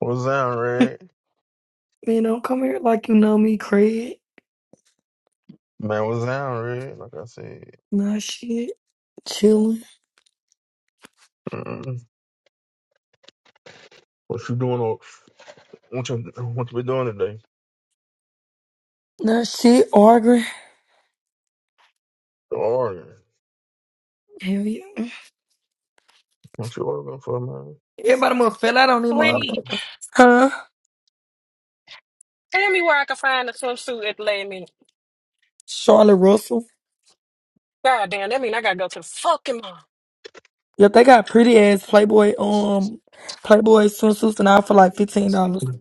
What's down, Red? Man, don't come here like you know me, Craig. Man, what's down, Red? Like I said, Nah, shit. Chilling. mm, what you doing? o- What you what you been doing today? Nah, shit. Arguing. The Arguing. Hell yeah. What you arguing for, man? Everybody must fell out on them Arguing. Wait, motherfucker. Huh? tell me where I can find a swimsuit at the last minute. Charlotte Russell. God damn, that mean I gotta go to the fucking mall. Yeah, they got pretty ass Playboy um Playboy swimsuits and all for like fifteen dollars. You Girl,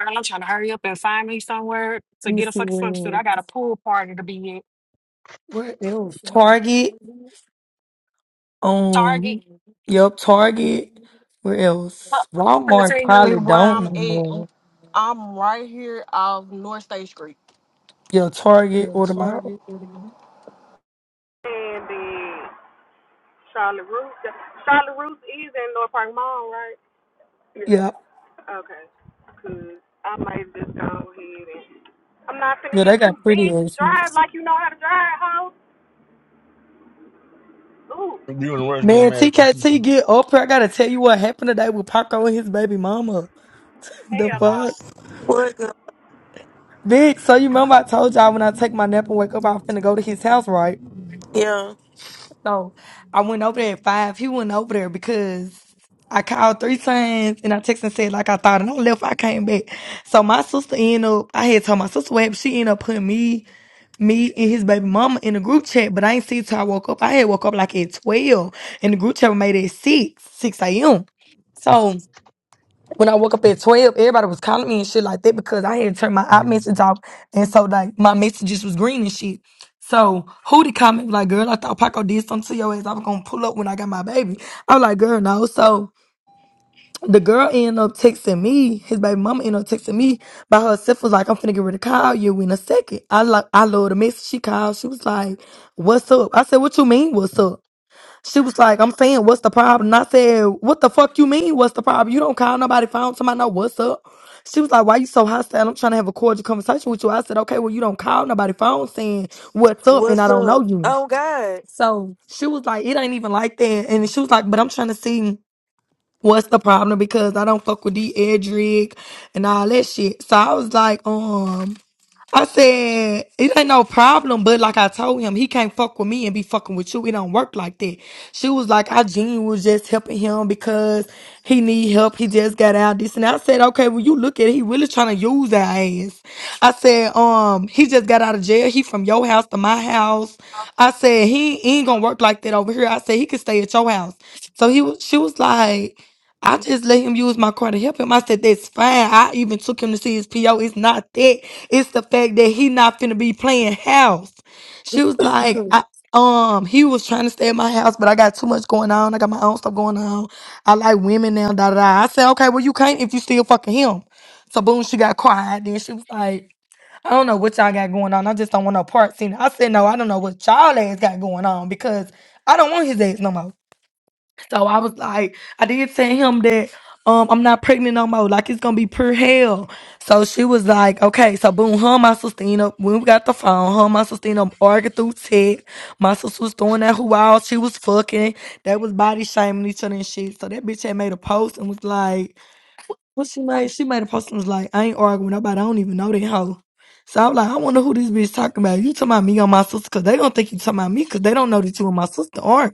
I'm trying to hurry up and find me somewhere to Let me get a see fucking where swimsuit. I else. got a pool party to be Where at. else? Target. Target. Um. Yep, Target. Where else? Fuck, I'm gonna tell Walmart you probably where don't I'm no at. more. I'm right here off North State Street. Yeah, Target or the mall. And the Charlotte Ruth. Charlotte Ruth is in North Park Mall, right? Yeah. Yeah, Okay. Cause I might just go ahead I'm not finna yeah, hit they you, got pretty bitch. ass. ones. Drive like you know how to drive, hoe. Ooh, and the rest getting Man, mad at them TKT people. get up here. I gotta tell you what happened today with Paco and his baby mama. The hell no. fuck? What up, Big, so you remember I told y'all when I take my nap and wake up, I was finna go to his house, right? yeah? So I went over there at five. He went over there because I called three times and I texted and said like I thought and I left, I came back. So my sister ended up I had told my sister what happened. She ended up putting me, me and his baby mama in the group chat, but I ain't see it till I woke up. I had woke up like at twelve and the group chat was made at six, six AM. So when I woke up at 12, everybody was calling me and shit like that because I had turned my iMessage off. And so, like, my messages was green and shit. So, who did comment like, girl, I thought Paco did something to your ass. I was going to pull up when I got my baby. I was like, girl, no. So, the girl ended up texting me. His baby mama ended up texting me by herself. Was like, I'm finna get ready to call you in a second. I like, I love the message. She called. She was like, what's up? I said, what you mean, what's up? She was like, I'm saying, what's the problem? And I said, what the fuck you mean, what's the problem? You don't call nobody phone. Somebody know what's up. She was like, why you so hostile? I'm trying to have a cordial conversation with you. I said, okay, well, you don't call nobody phone saying what's up and What's I don't know up? you. Oh God, So she was like, it ain't even like that. And she was like, but I'm trying to see what's the problem because I don't fuck with D. Edric and all that shit. So I was like, um, I said, it ain't no problem, but like I told him, he can't fuck with me and be fucking with you. It don't work like that. She was like, I genuinely was just helping him because he need help. He just got out this. And I said, okay, well, you look at it. He really trying to use our ass. I said, um, he just got out of jail. He from your house to my house. I said, he ain't gonna work like that over here. I said, he could stay at your house. So he was, she was like, I just let him use my car to help him. I said, that's fine. I even took him to see his PO. It's not that. It's the fact that he not finna be playing house. She was like, I, um, he was trying to stay at my house, but I got too much going on. I got my own stuff going on. I like women now, da da da. I said, okay, well, you can't if you still fucking him. So boom, she got quiet. Then she was like, I don't know what y'all got going on. I just don't want no parts in it. I said, no, I don't know what y'all ass got going on because I don't want his ass no more. So I was like, I did tell him that um I'm not pregnant no more. Like it's gonna be pure hell. So she was like, okay, so boom, her and my sister, you know, when we got the phone, her and my sister, you know, argued through text. My sister was throwing that who out, she was fucking. That was body shaming each other and shit. So that bitch had made a post and was like, what she made? She made a post and was like, I ain't arguing with nobody, I don't even know that hoe. So I'm like, I wonder who this bitch talking about. You talking about me or my sister? Cause they don't think you talking about me, cause they don't know that you and my sister aren't.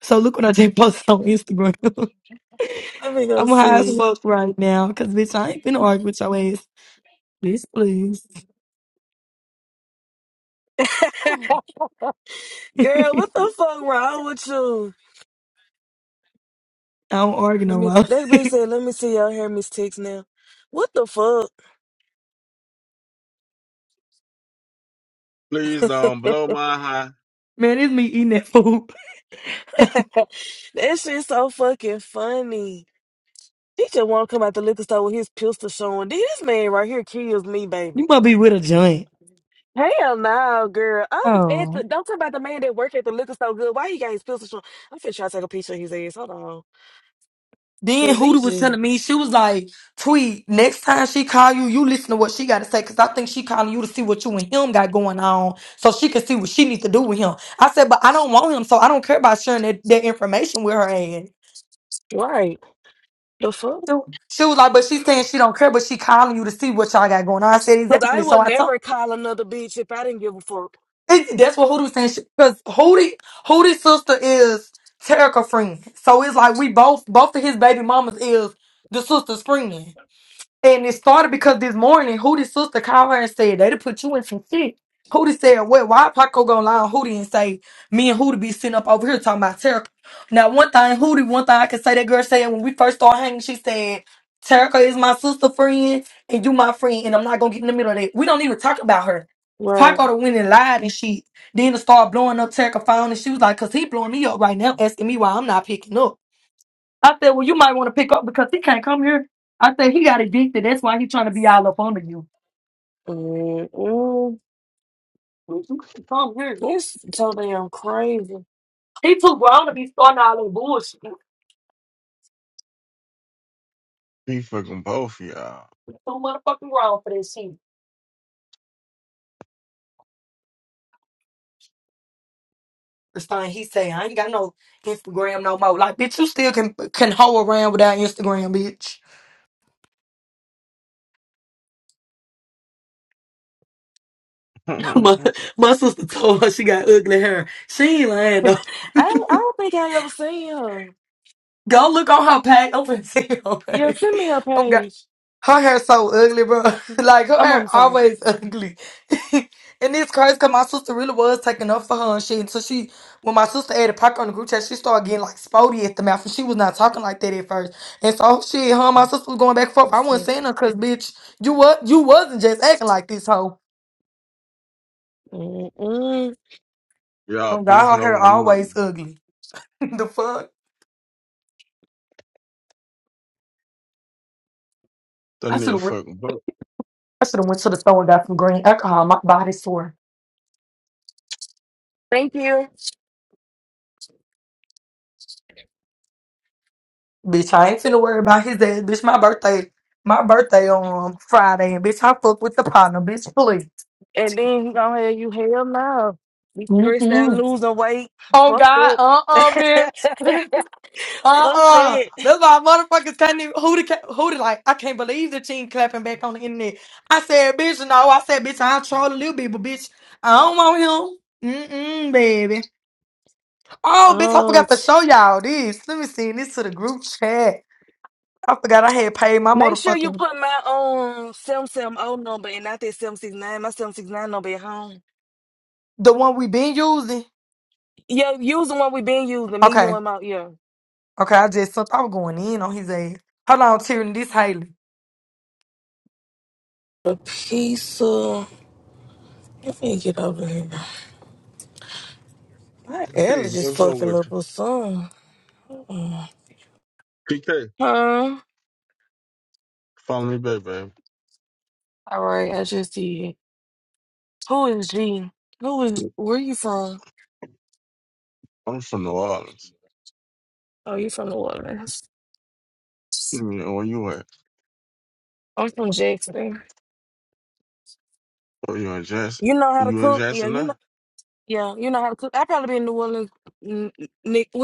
So look what I just posted on Instagram. let me go I'm high as see. fuck right now, cause bitch, I ain't finna argue with your ass. Bitch, please. Girl, what the fuck wrong with you? I don't argue Let no me. more. They be said, let me see y'all hair mistakes now. What the fuck? Please don't blow my high. Man, it's me eating that food. That shit so fucking funny. He just want to come out the liquor store with his pistol showing. This man right here kills me, baby. you must be with a joint. Hell no, girl. I'm at Oh. the. Don't talk about the man that work at the liquor store. Good. Why he got his pistol showing? I'm finna try to take a picture of his ass. Hold on, Then cause he Hootie was telling just me she was like, "Tweet next time she call you, you listen to what she got to say, cause I think she calling you to see what you and him got going on, so she can see what she needs to do with him." I said, "But I don't want him, so I don't care about sharing that, that information with her ass." right. The fuck. So she was like, but she's saying she don't care, but she calling you to see what y'all got going on. I said Cause I exactly. So will I told never call another bitch if I didn't give a fuck. it, that's what Hootie was saying. Because Hootie, Hootie's sister is Terica friend. So it's like we both both of his baby mamas is the sister's friend. And it started because this morning, Hootie's sister called her and said they'd put you in some shit. Hootie said, Well, why Paco gonna lie on Hootie and say me and Hootie be sitting up over here talking about Terica? Now one thing, Hootie, one thing I can say that girl said when we first started hanging, she said, Terica is my sister friend and you my friend, and I'm not gonna get in the middle of that. We don't even talk about her. Paco Right. the went and lied and shit. then it started blowing up Terica phone and she was like, Cause he blowing me up right now, asking me why I'm not picking up. I said, well, you might want to pick up because he can't come here. I said, he got addicted. That's why he's trying to be all up under you. Mm-mm. Well, You can't come here. It's so damn crazy. He too grown to be starting all that bullshit. He He fucking both of y'all. too motherfucking grown for this shit. The thing he say, I ain't got no Instagram no more. Like, bitch, you still can can hoe around without Instagram, bitch. my, my sister told her she got ugly hair. She ain't lying though. I don't, I don't think I ever seen her. Go look on her page. Open to your Yeah, page. send me her Okay. page. Her hair so ugly, bro. like her I'm on hair the phone. always ugly. and it's crazy cause my sister really was taking up for her and shit. So she when my sister added Parker on the group chat, she started getting like spotty at the mouth and she was not talking like that at first. And so oh, shit, her and my sister was going back and I'm forth. I wasn't still. saying her cause bitch, you what you wasn't just acting like this hoe. Mm-mm. y'all Oh god, her beefing hair over a nigga. always ugly. the fuck? That I should nigga have fucking both. I should have went to the store and got some green alcohol. My body sore. Thank you. Bitch, I ain't finna worry about his ass. Bitch, my birthday, my birthday on um, Friday, and bitch, I fuck with the partner. Bitch, please. And then he gonna have you hell no. Be stressed out, Mm-mm. losing weight. Oh Fuck God, that. uh-uh, bitch, Fuck uh-uh. that. That's why motherfuckers can't even who the ca- who the like. I can't believe the team clapping back on the internet. I said, bitch, no. I said, bitch, I'll troll a little bit, but bitch, I don't want him. Mm-mm, baby. Oh, bitch, I Oh, forgot to show y'all this. Let me send this to the group chat. I forgot I had paid my Make sure you motherfucking put my um seven seven O number and not that seven six nine. My seven six nine number at home. the one we been using. Yeah, use the one we been using. Me, Okay. you, and my yeah. Okay, I just thought i was going in on his ass. Hold on, Tierney. This Haley. A piece of. Let me get over here. My P, allergies what's up fucking with up you? or something. Mm. PK, Huh? follow me back, baby. All right, I just did. Who is G? Who is? Where you from? I'm from New Orleans. Oh, you from New Orleans? You mean, where you at? I'm from Jackson. Where you in Jackson? You know how to You in cook? Yeah, Jackson you now? know. Yeah, you know how to cook. I probably been in New Orleans. Nick,